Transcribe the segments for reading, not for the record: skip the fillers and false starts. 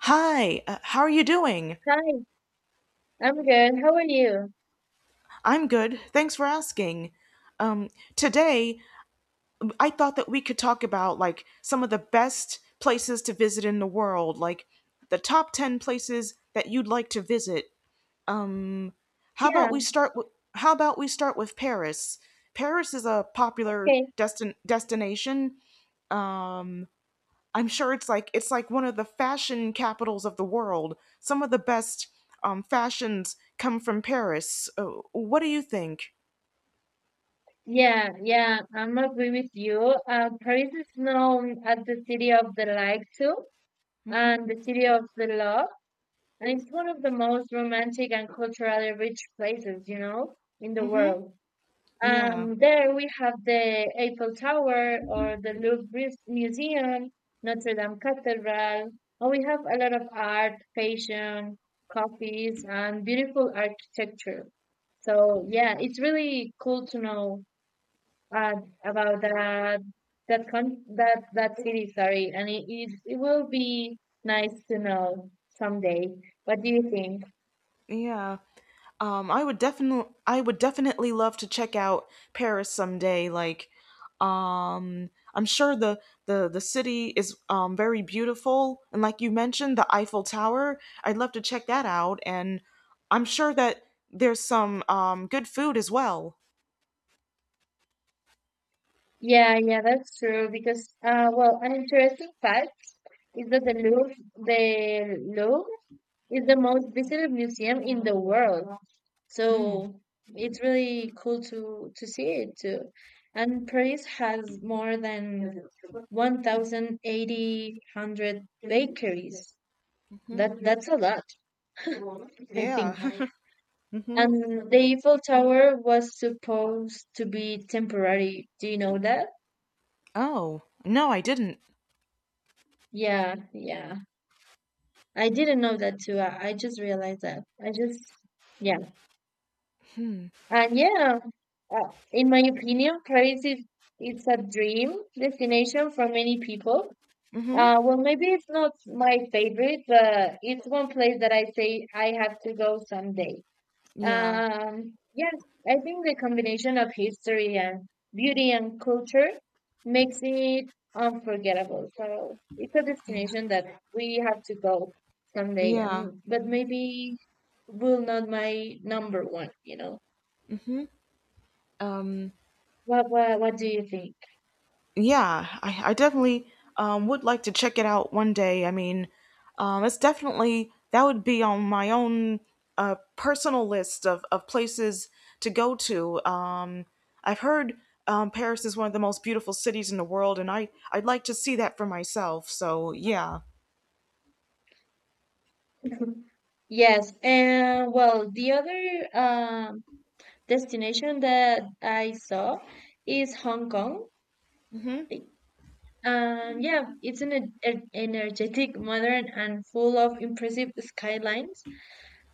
Hi, how are you doing? Hi, I'm good. How are you? I'm good. Thanks for asking. Um, today, I thought that we could talk about like some of the best places to visit in the world, like the top 10 places that you'd like to visit. How about Yeah, we start with How about we start with Paris? Paris is a popular okay. Destination. I'm sure it's like one of the fashion capitals of the world. Some of the best fashions come from Paris. What do you think? Yeah, yeah, I'm agree with you. Paris is known as the city of the light too, and the city of the love, and it's one of the most romantic and culturally rich places, you know, in the Mm-hmm. world. Yeah. And there we have the Eiffel Tower or the Museum, Notre Dame Cathedral, and we have a lot of art, fashion, coffees, and beautiful architecture. So yeah, it's really cool to know uh, about that that con- that that city. Sorry, and it will be nice to know someday. What do you think? Yeah. I would definitely love to check out Paris someday. Like, I'm sure the city is very beautiful, and like you mentioned, the Eiffel Tower. I'd love to check that out, and I'm sure that there's some good food as well. Yeah, yeah, that's true. Because well, an interesting fact is that the Louvre is the most visited museum in the world. Hmm. So it's really cool to see it too. And Paris has more than one thousand eighty hundred bakeries. Mm-hmm. That's a lot, I Yeah. think. Mm-hmm. And the Eiffel Tower was supposed to be temporary. Do you know that? Oh no, I didn't. Yeah, yeah. I didn't know that too. I just realized that. I just yeah. Hmm. And yeah, in my opinion, Paris is it's a dream destination for many people. Mm-hmm. Well, maybe it's not my favorite, but it's one place that I say I have to go someday. Yeah. Yes, I think the combination of history and beauty and culture makes it unforgettable. So it's a Yeah. destination that we have to go someday, Yeah. and but maybe will not my number one, you know. Mm-hmm. Um. What do you think? Yeah, I definitely would like to check it out one day. I mean, it's definitely that would be on my own personal list of places to go to. I've heard Paris is one of the most beautiful cities in the world, and I'd like to see that for myself. So yeah. Yes, and well, the other destination that I saw is Hong Kong. I- yeah, it's an energetic, modern, and full of impressive skylines.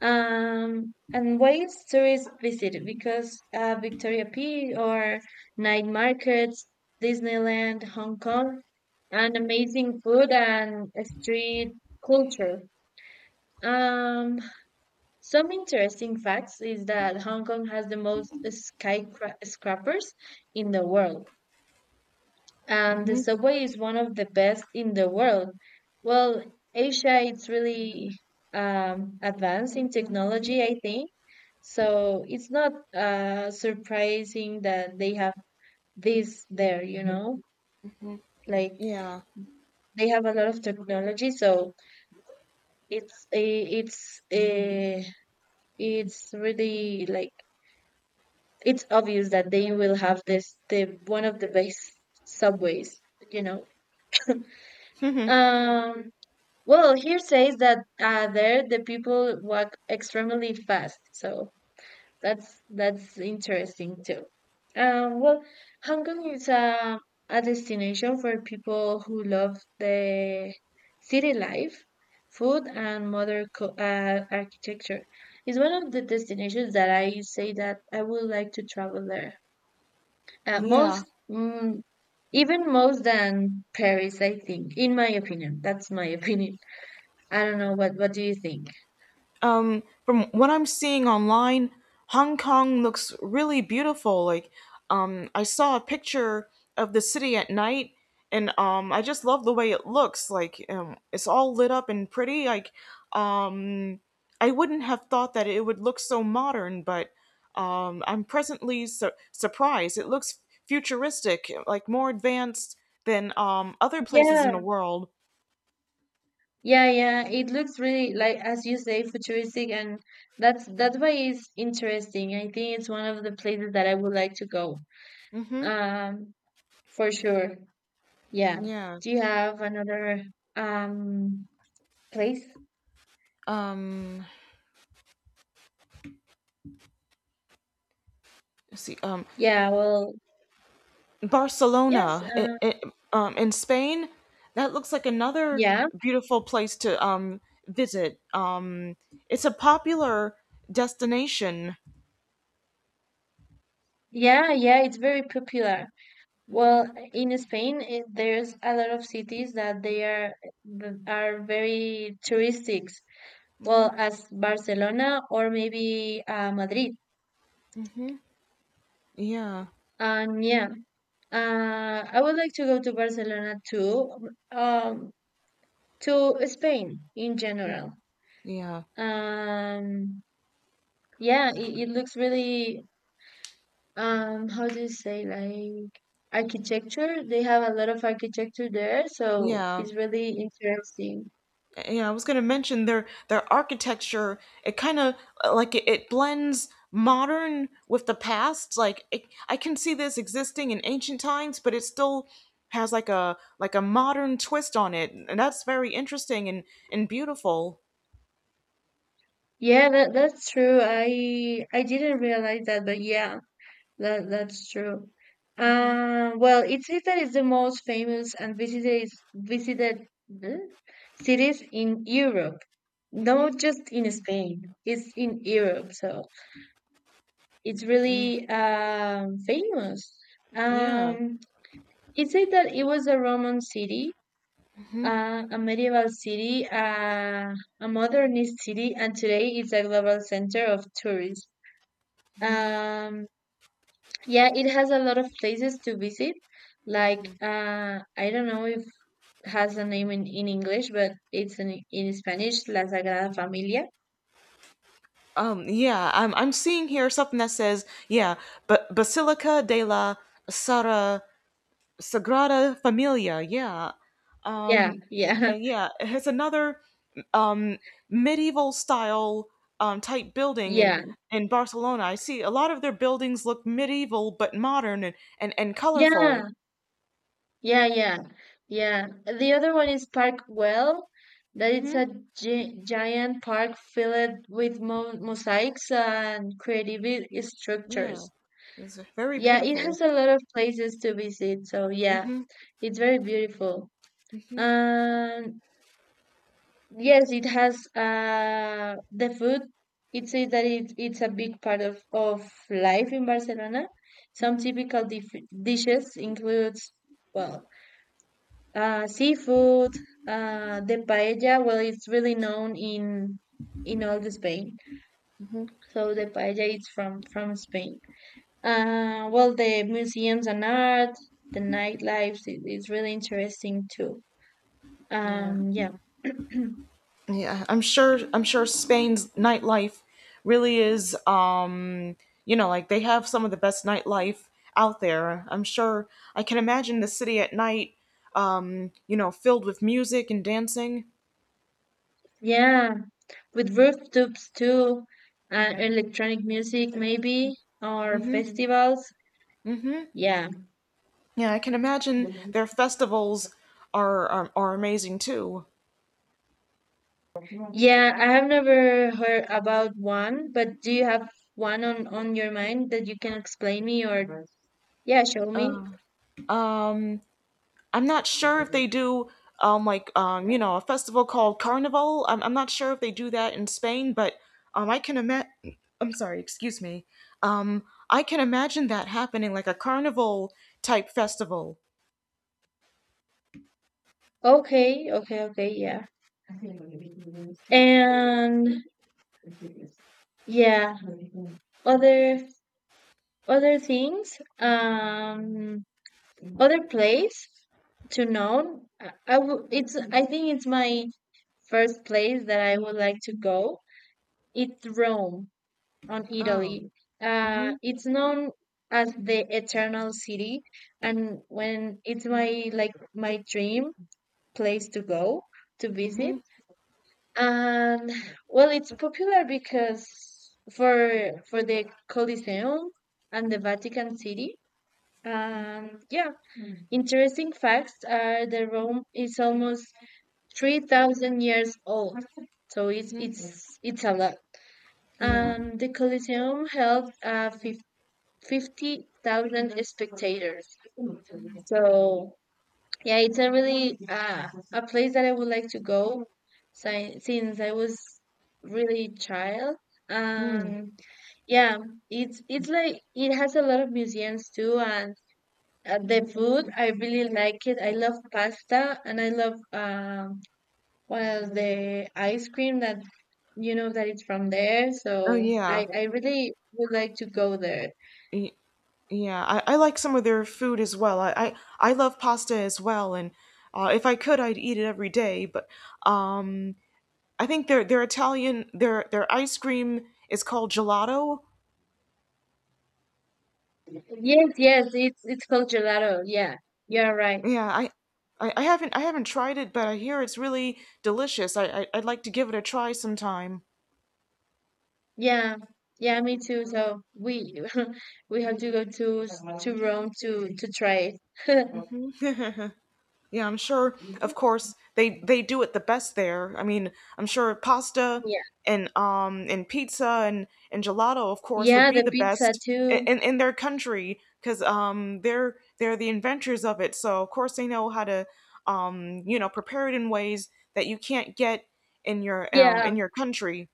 And ways tourists visit because Victoria P or night markets, Disneyland, Hong Kong, and amazing food and street culture. Um, Some interesting facts is that Hong Kong has the most skyscrapers in the world, and the Hmm. subway is one of the best in the world. Well, Asia it's really advanced in technology, I think. So it's not surprising that they have this there, you know, like Yeah. they have a lot of technology. So it's eh, it's a it's really like it's obvious that they will have this the one of the best subways, you know. um well, here says that there the people walk extremely fast, so that's interesting too. Well, Hong Kong is a destination for people who love the city life, food, and modern architecture. It's one of the destinations that I say that I would like to travel there. Yeah. Most, even most than Paris, I think, in my opinion. That's my opinion. I don't know, what do you think? From what I'm seeing online, Hong Kong looks really beautiful. Like, I saw a picture of the city at night, and I just love the way it looks. Like, it's all lit up and pretty. Like, um, I wouldn't have thought that it would look so modern, but I'm presently surprised. It looks futuristic, like more advanced than other places Yeah, in the world. yeah, yeah. It looks really like as you say, futuristic, and that's why it's interesting. I think it's one of the places that I would like to go. Mm-hmm. Um, for sure. Yeah. Yeah. Do you have another um place? Um. Let's see. Yeah, well, yes, Barcelona in Spain. That looks like another yeah. beautiful place to visit. It's a popular destination. Yeah, yeah, it's very popular. Well, in Spain, there's a lot of cities that they are that are very touristic. Well, as Barcelona or maybe Madrid. Yeah, And yeah, I would like to go to Barcelona too. To Spain in general. yeah, Um, yeah, it looks really how do you say, like architecture? They have a lot of architecture there, so yeah. it's really interesting. Yeah, I was going to mention their architecture. It kind of like it blends modern with the past. Like it, I can see this existing in ancient times, but it still has like a modern twist on it, and that's very interesting and beautiful. Yeah, that's true. I didn't realize that, but yeah, that's true. Well, Itzita is the most famous and visited eh, cities in Europe, Mhm. not just in Spain. It's in Europe, so it's Yeah. really famous. Yeah. Um, it said that it was a Roman city, Mhm. A medieval city, a modernist city, and today it's a global center of tourism. Mhm. Um, yeah, it has a lot of places to visit. Mhm. Like, I don't know if has a name in English, but it's in Spanish, La Sagrada Familia. Yeah. I'm seeing here something that says, yeah, but Basilica de la Sara Sagrada Familia. Yeah. Yeah, yeah, And yeah, it has another um medieval style type building in yeah, in Barcelona. I see a lot of their buildings look medieval but modern and colorful. yeah, yeah, yeah, yeah. The other one is Park Well, that it's Mhm. a gi giant park filled with mo mosaics and creative Yeah. structures. It's very Yeah, it beautiful. has a lot of places to visit, so yeah, Mhm. it's very beautiful. Mhm. Um, Yes, it has the food. It says that it's a big part of life in Barcelona. Some typical dif dishes includes well, seafood, the paella. Well, it's really known in all the Spain. So the paella is from Spain. Well, the museums and art, the nightlife is really interesting too. Yeah. Yeah. Yeah, I'm sure. I'm sure Spain's nightlife really is. Like they have some of the best nightlife out there. I'm sure. I can imagine the city at night. Filled with music and dancing. Yeah, with rooftops too, and electronic music maybe, or festivals. Yeah. Yeah, I can imagine their festivals are amazing too. Yeah, I have never heard about one, but do you have one on your mind that you can explain me or yeah, show me? I'm not sure if they do like a festival called Carnival. I'm not sure if they do that in Spain, but I can imagine. I'm sorry, excuse me. Um, I can imagine that happening like a carnival type festival. Okay, okay, okay, yeah. And yeah, other other things, other place to know. It's I think it's my first place that I would like to go. It's Rome on Oh. Italy. Mm-hmm. It's known as the Eternal City, and when it's my like my dream place to go to visit. Mm-hmm. And well, it's popular because for the Colosseum and the Vatican City. And yeah, interesting facts are the Rome is almost 3,000 years old. So it's Mm-hmm. it's it's a lot. Yeah. The Coliseum held 50,000 spectators. So, yeah, it's a really a place that I would like to go since I was really child. Hmm. Um, yeah, it's like it has a lot of museums too, and the food I really like it. I love pasta and I love well the ice cream that you know that it's from there, Oh so yeah. I really would like to go there. Y- yeah, I like some of their food as well. I love pasta as well, and if I could, I'd eat it every day. But um, I think their Italian their ice cream is called gelato. Yes, yes, it's called gelato. Yeah, you're right. Yeah, I haven't tried it, but I hear it's really delicious. I'd like to give it a try sometime. Yeah, yeah, me too. So we we have to go to Rome to try it. Yeah, I'm sure. Of course, they do it the best there. I mean, I'm sure pasta Yeah, and pizza and gelato, of course, would yeah, be the the pizza best in too. in, in their country because they're the inventors of it. So of course they know how to prepare it in ways that you can't get in your Yeah, country.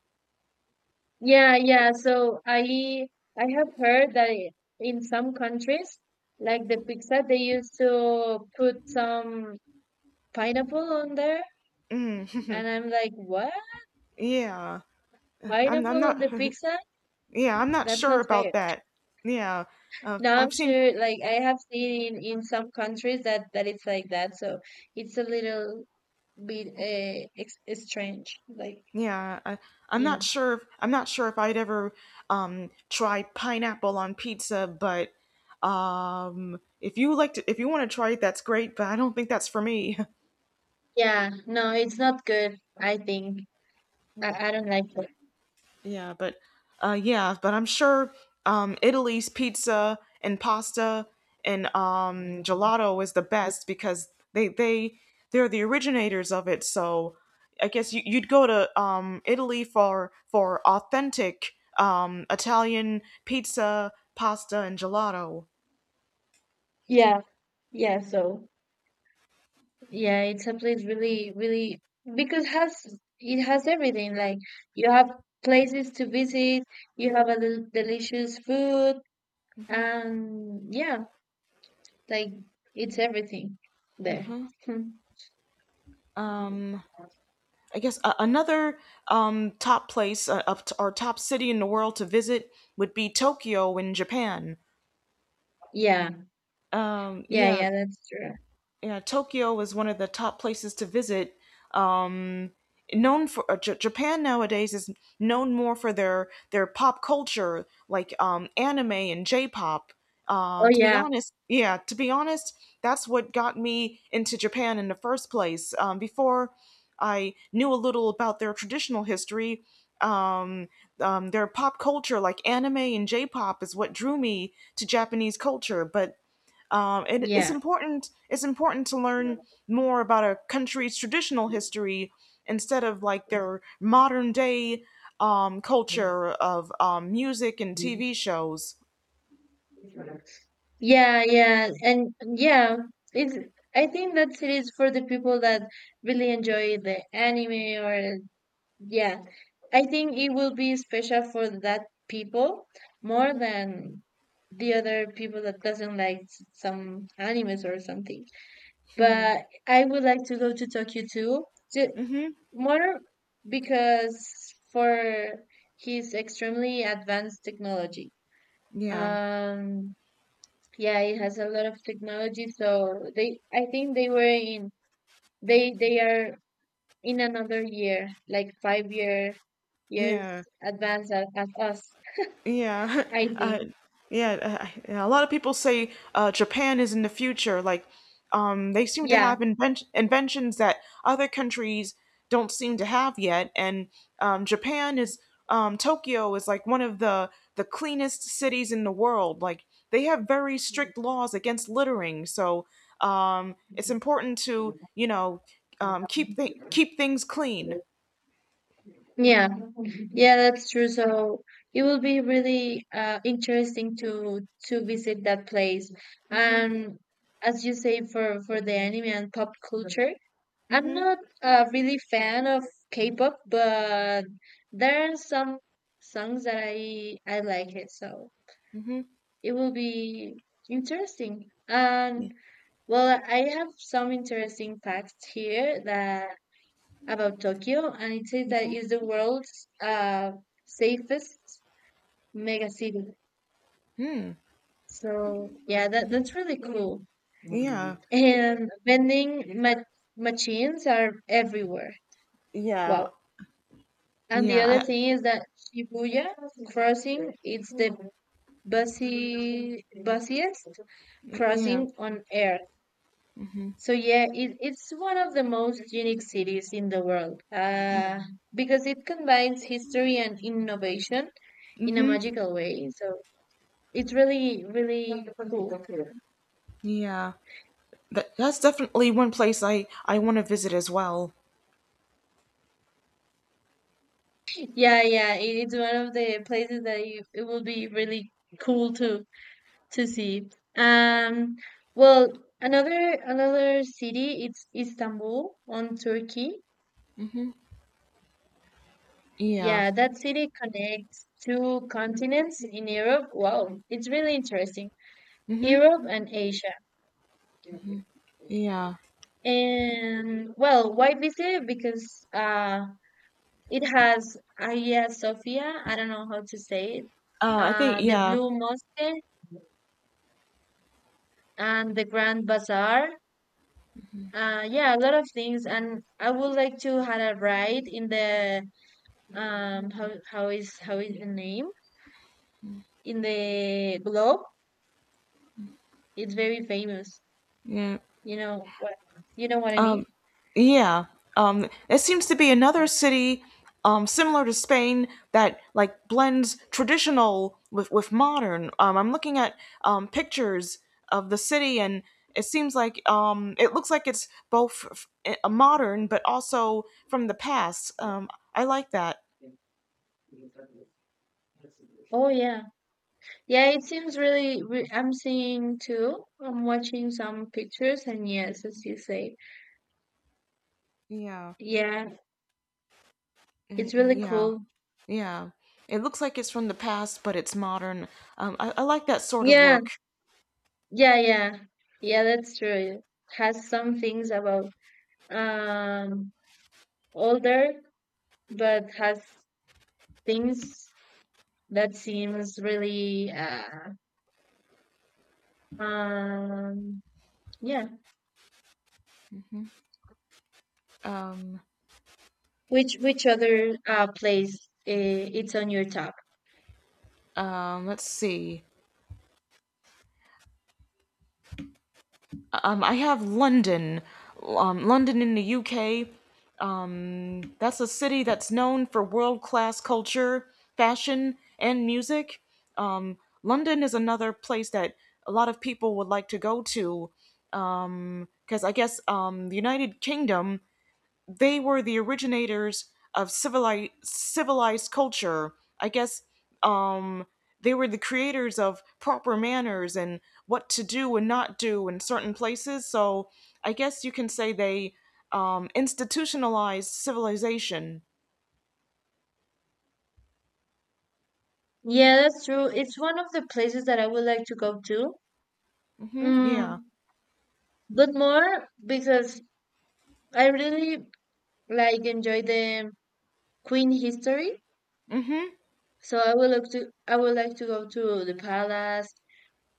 yeah, yeah. So I have heard in some countries, like the pizza, they used to put some pineapple on there, Mm. and I'm like, what? Yeah, I'm Pineapple not. on the pizza? Yeah, I'm not That's sure not about fair. that. Yeah, Now I'm I've seen. sure, like I have seen in some countries that it's like that, so it's a little bit strange. Like, Yeah, I'm you not know, sure. If, I'm not sure if I'd ever try pineapple on pizza, but if you want to try it, that's great. But I don't think that's for me. yeah, no, it's not good. I think I don't like it. Yeah, but yeah, but I'm sure Italy's pizza and pasta and gelato is the best because they're the originators of it. So I guess you'd go to Italy for authentic Italian pizza, pasta and gelato. Yeah, yeah. So yeah, it's a place really, really because has it has everything. Like you have places to visit, you have a delicious food, and yeah. Like it's everything there. Hmm. I guess another top place up t- or top city in the world to visit would be Tokyo in Japan. Yeah, yeah, Yeah. yeah, that's true. Yeah, Tokyo is one of the top places to visit. Known for Japan nowadays is known more for their pop culture, like anime and J-pop. Oh To be yeah, honest, that's what got me into Japan in the first place. Before I knew a little about their traditional history, um, their pop culture, like anime and J-pop, is what drew me to Japanese culture. But and it's yeah, important. It's important to learn more about a country's traditional history instead of like their modern day culture of music and TV shows. yeah, yeah, and yeah, it's. I think that it is for the people that really enjoy the anime or yeah. I think it will be special for that people more Hmm. than the other people that doesn't like some animes or something. But I would like to go to Tokyo too. Hmm. More because for his extremely advanced technology. Yeah. Um, yeah, it has a lot of technology, so they I think they were in they are in another year, like five-year years Yeah. advanced as us, Yeah. I uh, think. yeah, yeah. A lot of people say Japan is in the future. Like, they seem to Yeah, have inventions that other countries don't seem to have yet. And Japan is Tokyo is like one of the cleanest cities in the world. Like, they have very strict laws against littering. So, it's important to keep keep things clean. yeah, yeah, that's true. So it will be really interesting to visit that place. Hmm. And as you say, for the anime and pop culture, I'm Hmm. not really fan of K-pop, but there are some songs that I like it. So Hmm. it will be interesting. And well, I have some interesting facts here that about Tokyo, and it says that it's the world's safest mega city. Hmm. So yeah, that Hmm. that's really cool. Yeah. And machines are everywhere. Yeah. Wow. And the Yeah, other I thing is that Shibuya crossing is the busy busiest yeah, crossing on earth. So yeah, it's one of the most unique cities in the world. Because it combines history and innovation in a magical way. So it's really, really cool. yeah. That's definitely one place I want to visit as well. Yeah, yeah, it's one of the places that you, it will be really cool to see. Um, well, another city it's Istanbul on Turkey. Hmm. Yeah, Yeah, that city connects two continents in Europe. Wow, it's really interesting. Europe and Asia. yeah. And well, why visit? Because it has Hagia Sophia, I don't know how to say it, I think the yeah, Blue Mosque, and the Grand Bazaar. Yeah, a lot of things, and I would like to have a ride in the how is the name in the globe? It's very famous. yeah, You know what you know what I mean? yeah. There seems to be another city, similar to Spain that like blends traditional with modern. I'm looking at pictures of the city and it seems like it looks like it's both a modern, but also from the past. I like that. Oh yeah, yeah. It seems really. Re I'm seeing too. I'm watching some pictures, and yes, as you say, Yeah. yeah, it's really Yeah, cool. yeah. It looks like it's from the past, but it's modern. I like that sort of Yeah, look. yeah, yeah. Yeah, that's true. Has some things about um older, but has things that seems really um yeah. Hmm. Um, Which other place it's on your top? let's see. I have London. London in the UK. That's a city that's known for world-class culture, fashion, and music. London is another place that a lot of people would like to go to because I guess the United Kingdom they were the originators of civilized culture. I guess um, they were the creators of proper manners and what to do and not do in certain places. So I guess you can say they institutionalized civilization. Yeah, that's true. It's one of the places that I would like to go to. Mm, yeah. Mm, but more because I really like enjoy the Queen history. Mm-hmm. So I would like to go to the palace,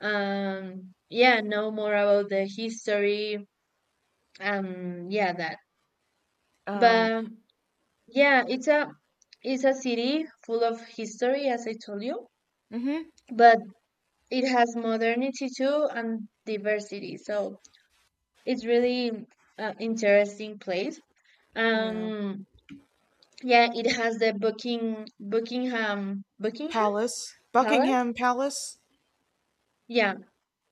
yeah, know more about the history, yeah, that, Um, but yeah, it's a city full of history as I told you, mm-hmm. but it has modernity too and diversity, so it's really interesting place. Yeah. um yeah, it has the Buckingham Palace, Buckingham Palace. yeah,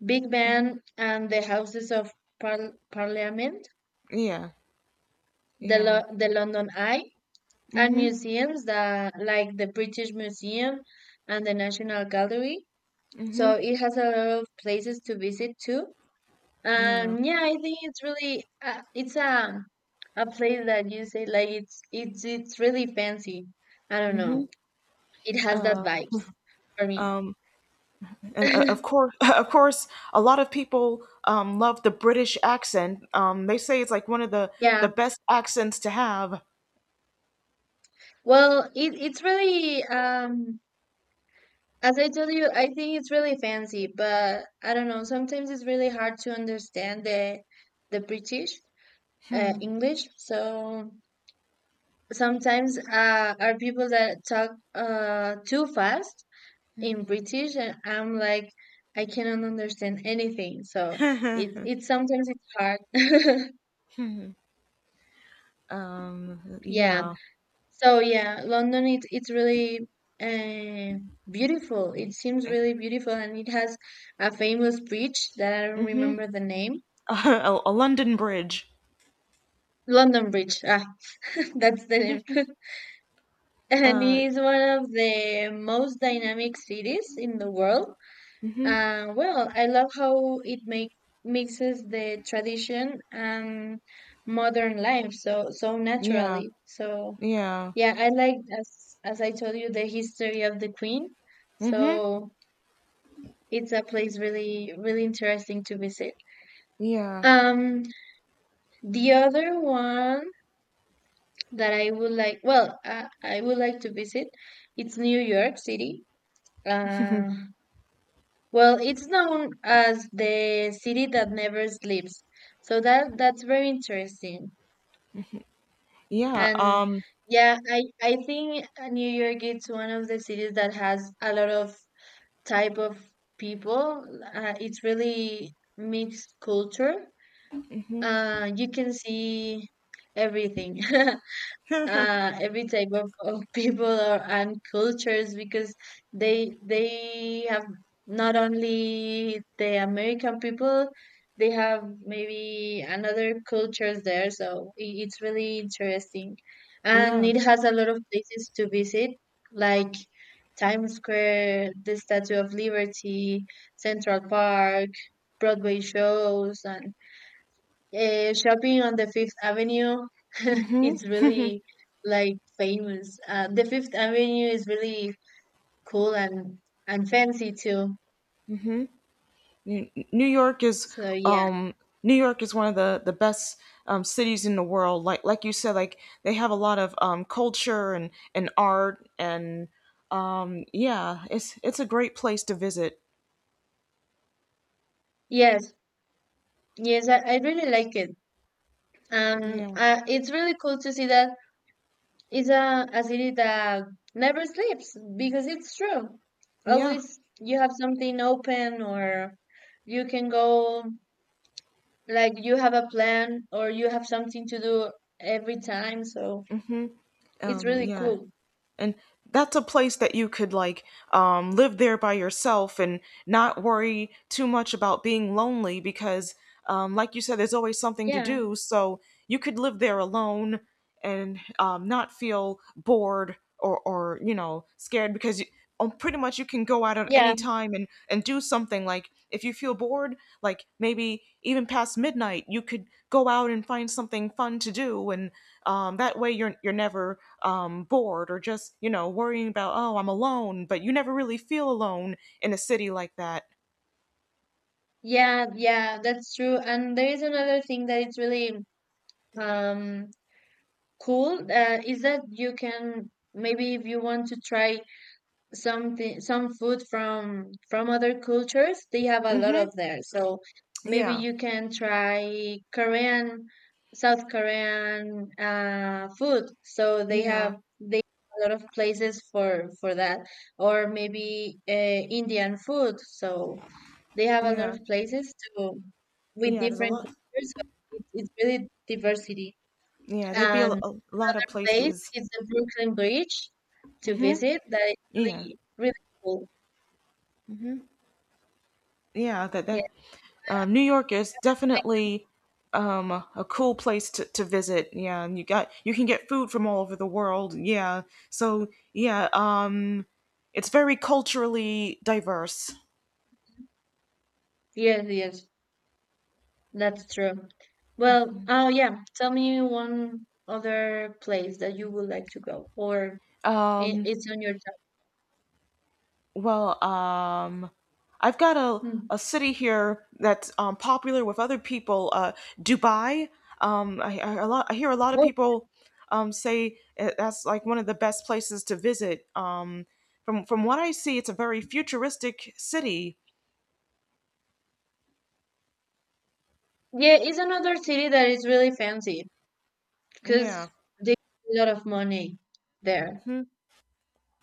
Big Mm-hmm. Ben and the Houses of Parliament, Yeah. the, Yeah. Lo- the London Eye, and Mm-hmm. museums that like the British Museum and the National Gallery. Mm-hmm. So it has a lot of places to visit too. Yeah. And yeah, I think it's really it's a place that you say like it's really fancy. I don't Mm-hmm. know. It has that Uh, vibes for me. um, And of course, a lot of people love the British accent. They say it's like one of the Yeah. the best accents to have. Well, it's really as I told you, I think it's really fancy, but I don't know, sometimes it's really hard to understand the British, English. So sometimes are people that talk too fast in British, and I'm like, I cannot understand anything. So it sometimes it's hard. yeah. Yeah, So yeah, London. It's really uh, beautiful. It seems a, really beautiful, and it has a famous bridge that I don't remember the name. a London Bridge. London Bridge. Ah, that's the name. And Uh, it's one of the most dynamic cities in the world. And well, I love how it make mixes the tradition and modern life so yeah, naturally. So yeah, yeah, I like as I told you the history of the Queen. mm-hmm, So it's a place really really interesting to visit. yeah, Um, the other one that I would like, well, I would like to visit, it's New York City. Uh, Well, it's known as the city that never sleeps. So that's very interesting. yeah, And yeah, I think New York it's one of the cities that has a lot of type of people. It's really mixed culture. You can see everything. Every type of people or, and cultures because they have not only the American people, they have maybe another cultures there. So it's really interesting, and yeah, it has a lot of places to visit, like Times Square, the Statue of Liberty, Central Park, Broadway shows, and shopping on the Fifth Avenue. mm-hmm. It's really like famous. The Fifth Avenue is really cool and fancy too. New York is, So yeah, um, New York is one of the best cities in the world. Like you said, like they have a lot of culture and art and yeah, it's a great place to visit. yes, yes, I really like it. Yeah. It's really cool to see that it's a city that never sleeps because it's true. Yeah. Always you have something open, or you can go like you have a plan, or you have something to do every time. So it's really Yeah. cool. And that's a place that you could like live there by yourself and not worry too much about being lonely because like you said there's always something to Yeah, do, so you could live there alone and not feel bored or scared because pretty much you can go out at yeah, any time and do something like if you feel bored like maybe even past midnight you could go out and find something fun to do and that way you're never bored or just worrying about oh I'm alone but you never really feel alone in a city like that. yeah, yeah. That's true. And there is another thing that it's really um cool, is that you can maybe if you want to try some food from other cultures, they have a lot Mhm. of there. So maybe Yeah. you can try Korean, South Korean food. So they Yeah. have they have a lot of places for that, or maybe Indian food. So. They have a lot Yeah. of places to with Yeah, there's a different lot. cultures. So it's really diversity. Yeah, there'd be a, And a one lot of place places. is the Brooklyn Bridge to visit. That is Yeah, really really cool. yeah, that Yeah. that New York is definitely a cool place to visit. Yeah, and you can get food from all over the world. Yeah, so yeah, it's very culturally diverse. Yes, yes, that's true. Well, oh yeah, tell me one other place that you would like to go, or Um, it's on your top. Well, I've got Hmm. a city here that's popular with other people, Dubai. I hear a lot of Well, people that's like one of the best places to visit. From what I see, it's a very futuristic city. yeah, it's another city that is really fancy because Yeah. they have a lot of money there, Hmm.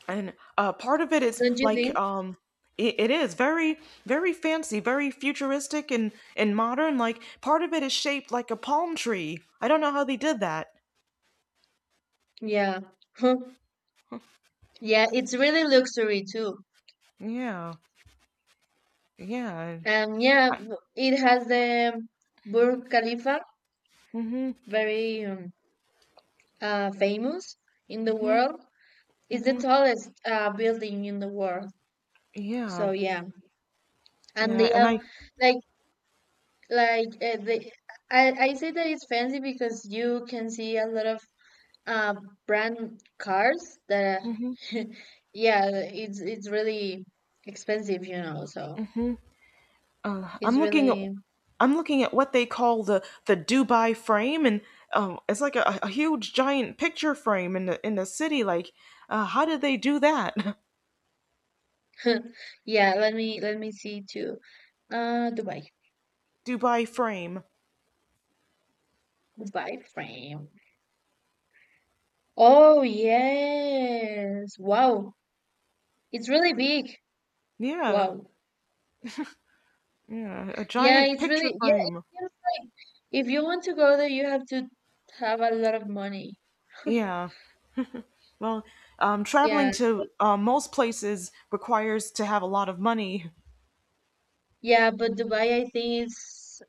And part of it is don't you like think? It is very very fancy, very futuristic and modern. Like part of it is shaped like a palm tree. I don't know how they did that. Yeah. Yeah, it's really luxury too. Yeah. Yeah. And yeah, I, it has the Burj Khalifa, mhm. very famous in the Mhm. world. It's the Mhm. tallest building in the world. Yeah. So yeah, and Yeah. they have like like they. I say that it's fancy because you can see a lot of uh, brand cars that. Are yeah, it's really expensive, you know. So uh, I'm it's looking at, really I'm looking at what they call the Dubai frame, and it's like a huge giant picture frame in the city. Like, how did they do that? Yeah, let me see too. Dubai. Dubai frame. Dubai frame. Oh yes. Wow. It's really big. Yeah. Wow. Yeah. A Yeah, giant it's picture really, yeah, frame. If you want to go there, you have to have a lot of money. Yeah. Well, traveling Yeah. to most places requires to have a lot of money. Yeah, but Dubai I think it's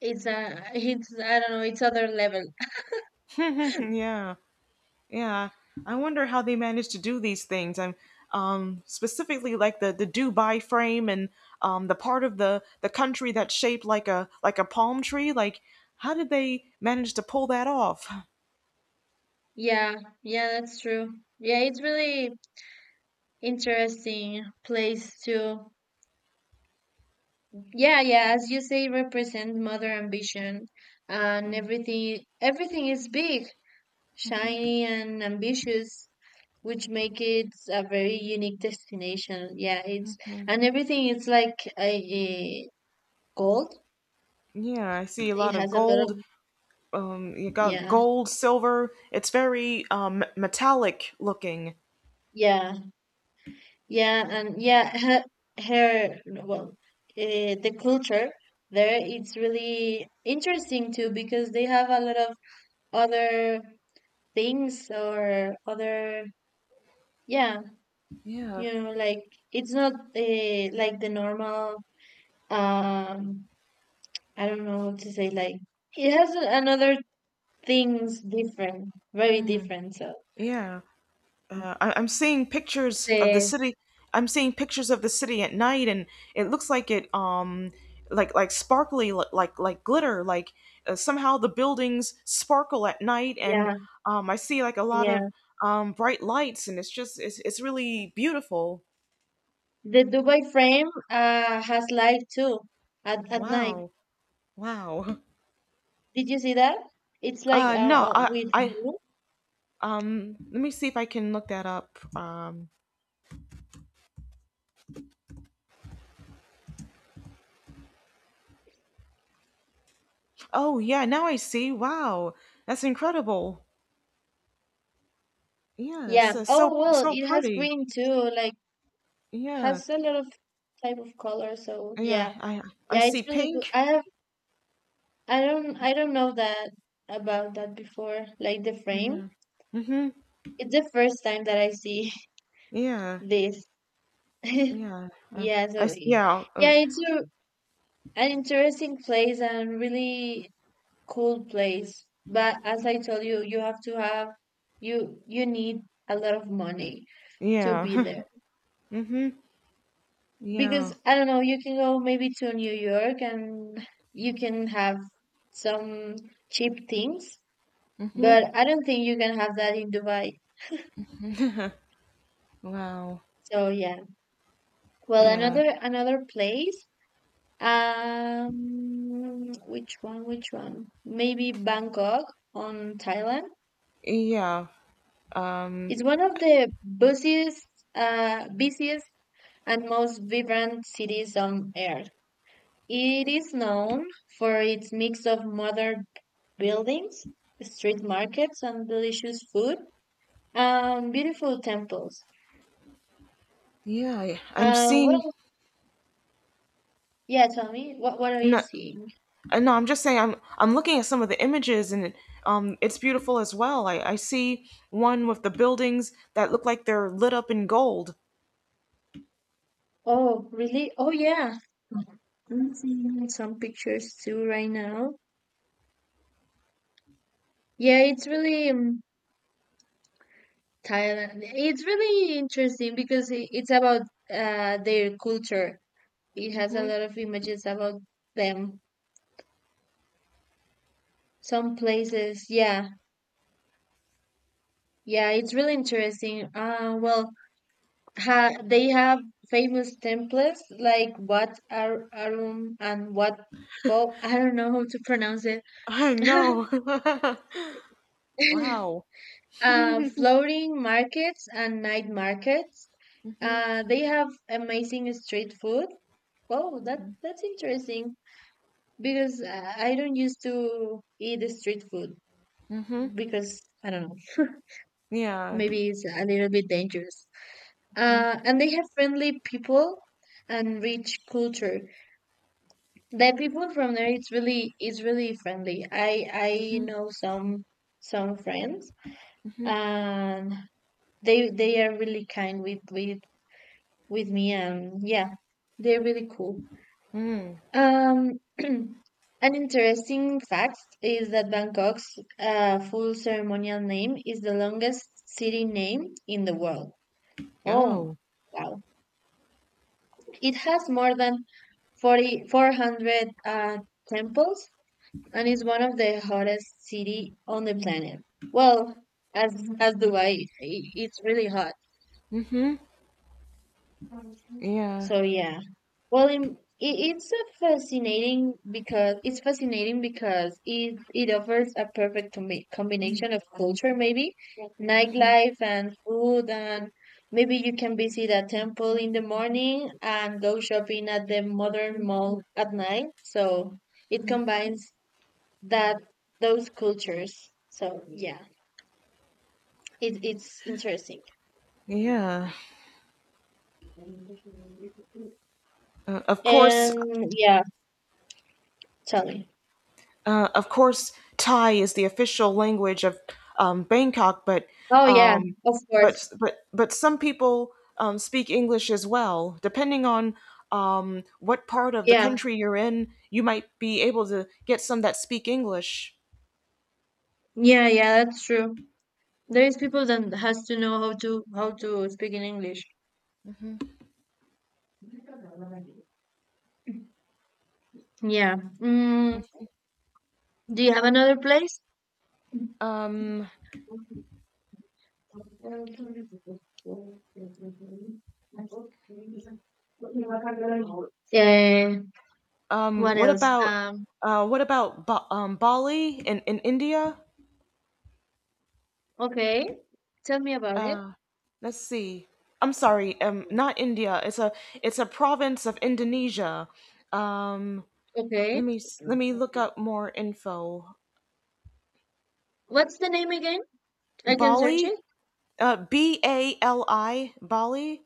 it's a it's I don't know, it's other level. Yeah. Yeah, I wonder how they manage to do these things. I'm Specifically like the Dubai frame and the part of the country that's shaped like a palm tree. Like, how did they manage to pull that off? Yeah, yeah, that's true. Yeah, it's really interesting place too. Yeah, yeah, as you say, represent mother ambition, and everything is big, shiny and ambitious, which make it a very unique destination. Yeah, it's and everything is like a gold. Yeah, I see a It lot of has a lot of, gold. You got yeah, gold, silver. It's very metallic looking. yeah, yeah, and yeah, her, well, uh, the culture there it's really interesting too because they have a lot of other things or other. Yeah, Yeah, like it's not like the normal. Um, I don't know what to say. Like it has another things different, very different. So yeah. I'm seeing pictures of the the, city. I'm seeing pictures of the city at night, and it looks like like sparkly, like glitter. Like somehow the buildings sparkle at night, and yeah, I see like a lot of yeah, bright lights, and it's just it's really beautiful. the Dubai frame has light too at night. Wow, wow. Did you see that? It's like No, I with I blue. um, let me see if I can look that up. Oh yeah, now I see. Wow, that's incredible. Yeah, Yeah. so so Oh well, so it has pretty. green too. Like Yeah, has a lot of type of color. So yeah, yeah, I I yeah, it's see really cool. pink. I don't know that about that before, like the frame. Yeah. Mhm. It's the first time that I see Yeah. this. Yeah. Uh, Yeah, so yeah. yeah, it's a, an interesting place and really cool place. But as I told you, you have to have, you need a lot of money to be Yeah. there. Mhm. Yeah. Because I don't know, you can go maybe to New York and you can have some cheap things, Mhm. but I don't think you can have that in Dubai. Wow. So yeah. Well, Yeah. another place. Which one? Which one? Maybe Bangkok on Thailand. Yeah. Um. It's one of the busiest, busiest and most vibrant cities on earth. It is known for its mix of modern buildings, street markets, and delicious food, and beautiful temples. Yeah. I'm seeing. Well, yeah, tell me, what are you No. seeing? No. I'm just saying. I'm looking at some of the images, and it's beautiful as well. I see one with the buildings that look like they're lit up in gold. Oh, really? Oh, yeah. I'm seeing some pictures too right now. Yeah, it's really Thailand. It's really interesting because it's about their culture. It has a Mhm. lot of images about them. Some places, yeah, yeah, it's really interesting. Well, ha they have famous temples like Wat Ar Arum and Wat Bo. I don't know how to pronounce it. I know. Wow. Floating markets and night markets. They have amazing street food. Oh, that's interesting because I don't used to eat street food Mhm. because I don't know. Yeah. Maybe it's a little bit dangerous. Mm-hmm. And they have friendly people and rich culture. The people from there, it's really friendly. I know some friends and they are really kind with with me, and yeah, they're really cool. um an interesting fact is that Bangkok's full ceremonial name is the longest city name in the world. Oh, Oh. wow, it has more than 4,400 uh, temples, and is one of the hottest city on the planet. Well, as Dubai, it's really hot. Mm-hmm. Yeah. So yeah. Well, it's a fascinating because it offers a perfect combination of culture, maybe nightlife and food, and maybe you can visit a temple in the morning and go shopping at the modern mall at night. So it combines that those cultures. So yeah, it it's interesting. Yeah. Of course. And yeah, tell me. Of course, Thai is the official language of Bangkok, but Oh yeah, um, of course. but some people speak English as well. Depending on what part of the Yeah. country you're in, you might be able to get some that speak English. Yeah, yeah, that's true. There is people that has to know how to speak in English. Yeah. Mm, do you have another place? Um, Uh, um, what what else? about what about Bali in India? Okay. Tell me about it. Uh, Let's see. I'm sorry. Not India. It's a province of Indonesia. Um, Okay. Let me look up more info. What's the name again? I can search Bali. it. Bali. Bali.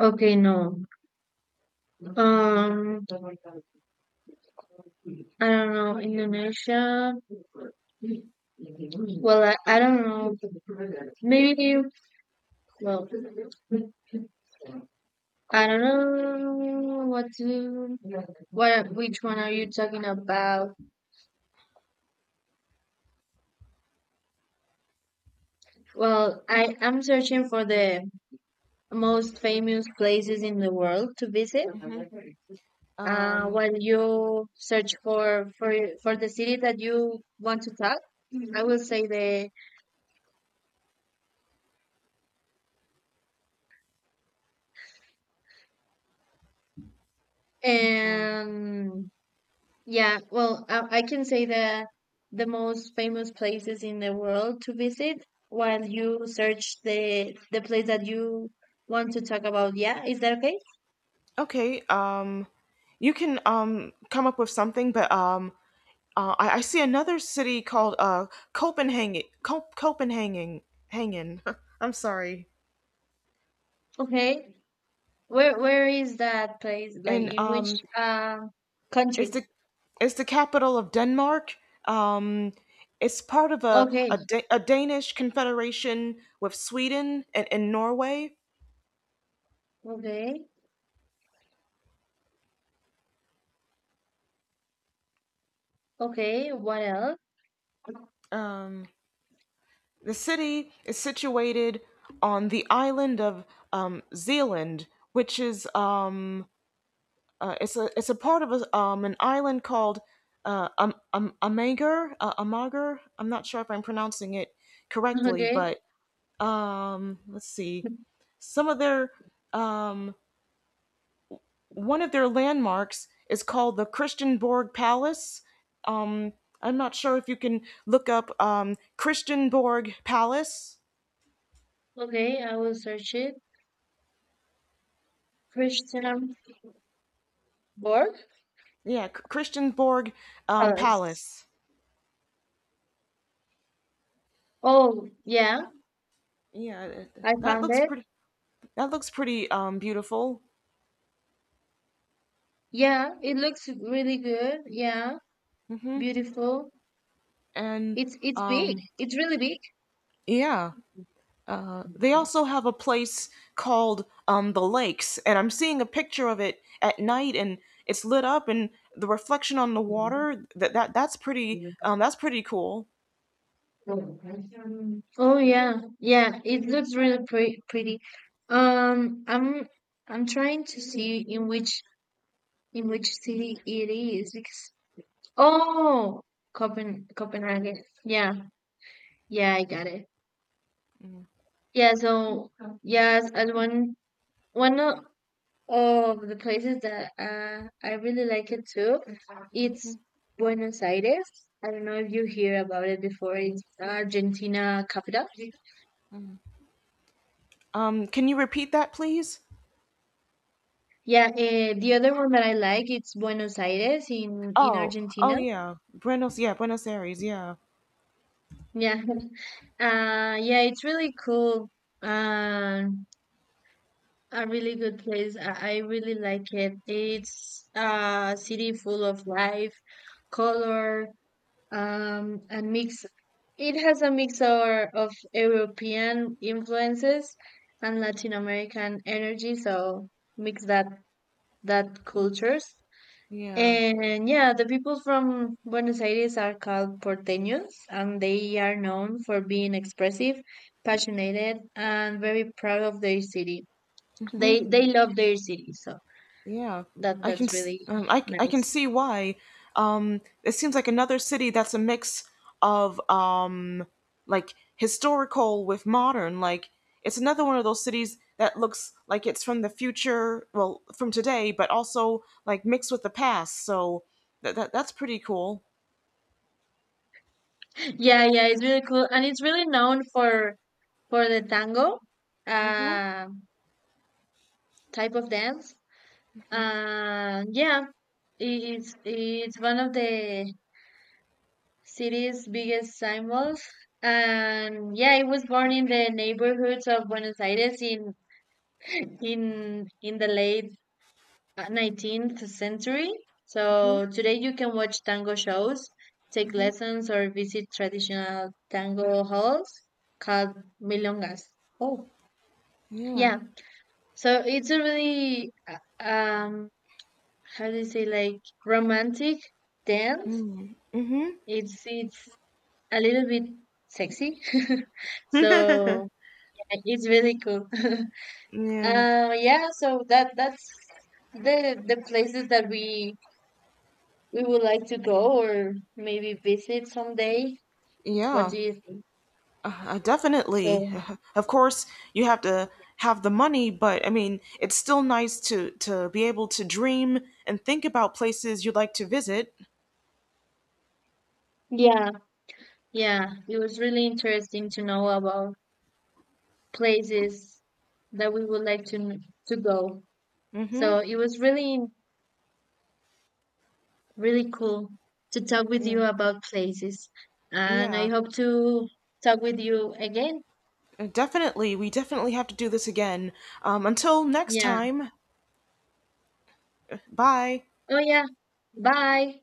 Okay, no. Um, I don't know. Indonesia. Well, I don't know. Maybe, well, I don't know what to, what, which one are you talking about? Well, I am searching for the most famous places in the world to visit. Mm-hmm. Um. While you search for the city that you want to talk, I will say the uh, um yeah. Well, I can say the most famous places in the world to visit while you search the place that you want to talk about. Yeah, is that okay? okay. You can come up with something, but I see another city called uh, Copenhagen. Hangin. I'm sorry. Okay. Where is that place? Like And in which um. It's country? the capital of Denmark. Um, it's part of a Okay, a, da- a Danish confederation with Sweden and Norway. okay, okay. What else? Um, the city is situated on the island of Zealand, which is it's a part of an island called Amager. Amager. I'm not sure if I'm pronouncing it correctly, Okay, but let's see. Some of their um, one of their landmarks is called the Christianborg Palace. Um, I'm not sure if you can look up Christianborg Palace. okay. I will search it. Christianborg Christianborg Palace. Palace. Oh yeah, Yeah, I that found looks it. pretty. That looks pretty beautiful. Yeah, it looks really good. Yeah, beautiful. And It's big. um, It's really big. yeah, they also have a place called the Lakes, and I'm seeing a picture of it at night, and it's lit up, and the reflection on the water. That's pretty. That's pretty cool. Oh yeah, yeah. It looks really pretty. Um, I'm I'm trying to see in which city it is because oh, Copenhagen. Yeah, yeah, I got it. Yeah, so yes, and one one o- of the places that I really like it too, it's Buenos Aires. I don't know if you hear about it before. It's Argentina capital. Can you repeat that, please? Yeah, the other one that I like it's Buenos Aires in Oh, oh Argentina. Yeah, Buenos Aires, yeah, Yeah, yeah, it's really cool. Um, a really good place. I really like it. It's a city full of life, color, and mix. It has a mix of European influences and Latin American energy, so mix that that cultures. yeah, And yeah, the people from Buenos Aires are called porteños, and they are known for being expressive, passionate, and very proud of their city. They love their city, so yeah. that that's really I can nice. see why. It seems like another city that's a mix of like historical with modern. Like it's another one of those cities that looks like it's from the future, well, from today, but also like mixed with the past. So that's pretty cool. Yeah, yeah, it's really cool, and it's really known for the tango, Mm-hmm. uh, type of dance. Yeah, it's one of the city's biggest symbols, and yeah, it was born in the neighborhoods of Buenos Aires in in the late 19th century. Mm-hmm. So today you can watch tango shows, take lessons, or visit traditional tango halls called milongas. Oh, Yeah. yeah. So it's a really how do you say like romantic dance. Mm-hmm. Mm-hmm. It's a little bit sexy. so yeah, it's really cool. Yeah. Yeah, so that that's the places that we would like to go or maybe visit someday. What Yeah, do you think? Definitely. So, Of course, you have to have the money, but I mean, it's still nice to be able to dream and think about places you'd like to visit. yeah, yeah, it was really interesting to know about places that we would like to to go. Hmm. So it was really really cool to talk with Yeah. you about places, and I Yeah. hope to talk with you again. Definitely. We definitely have to do this again. Until next Yeah. time. Bye. Oh yeah. Bye.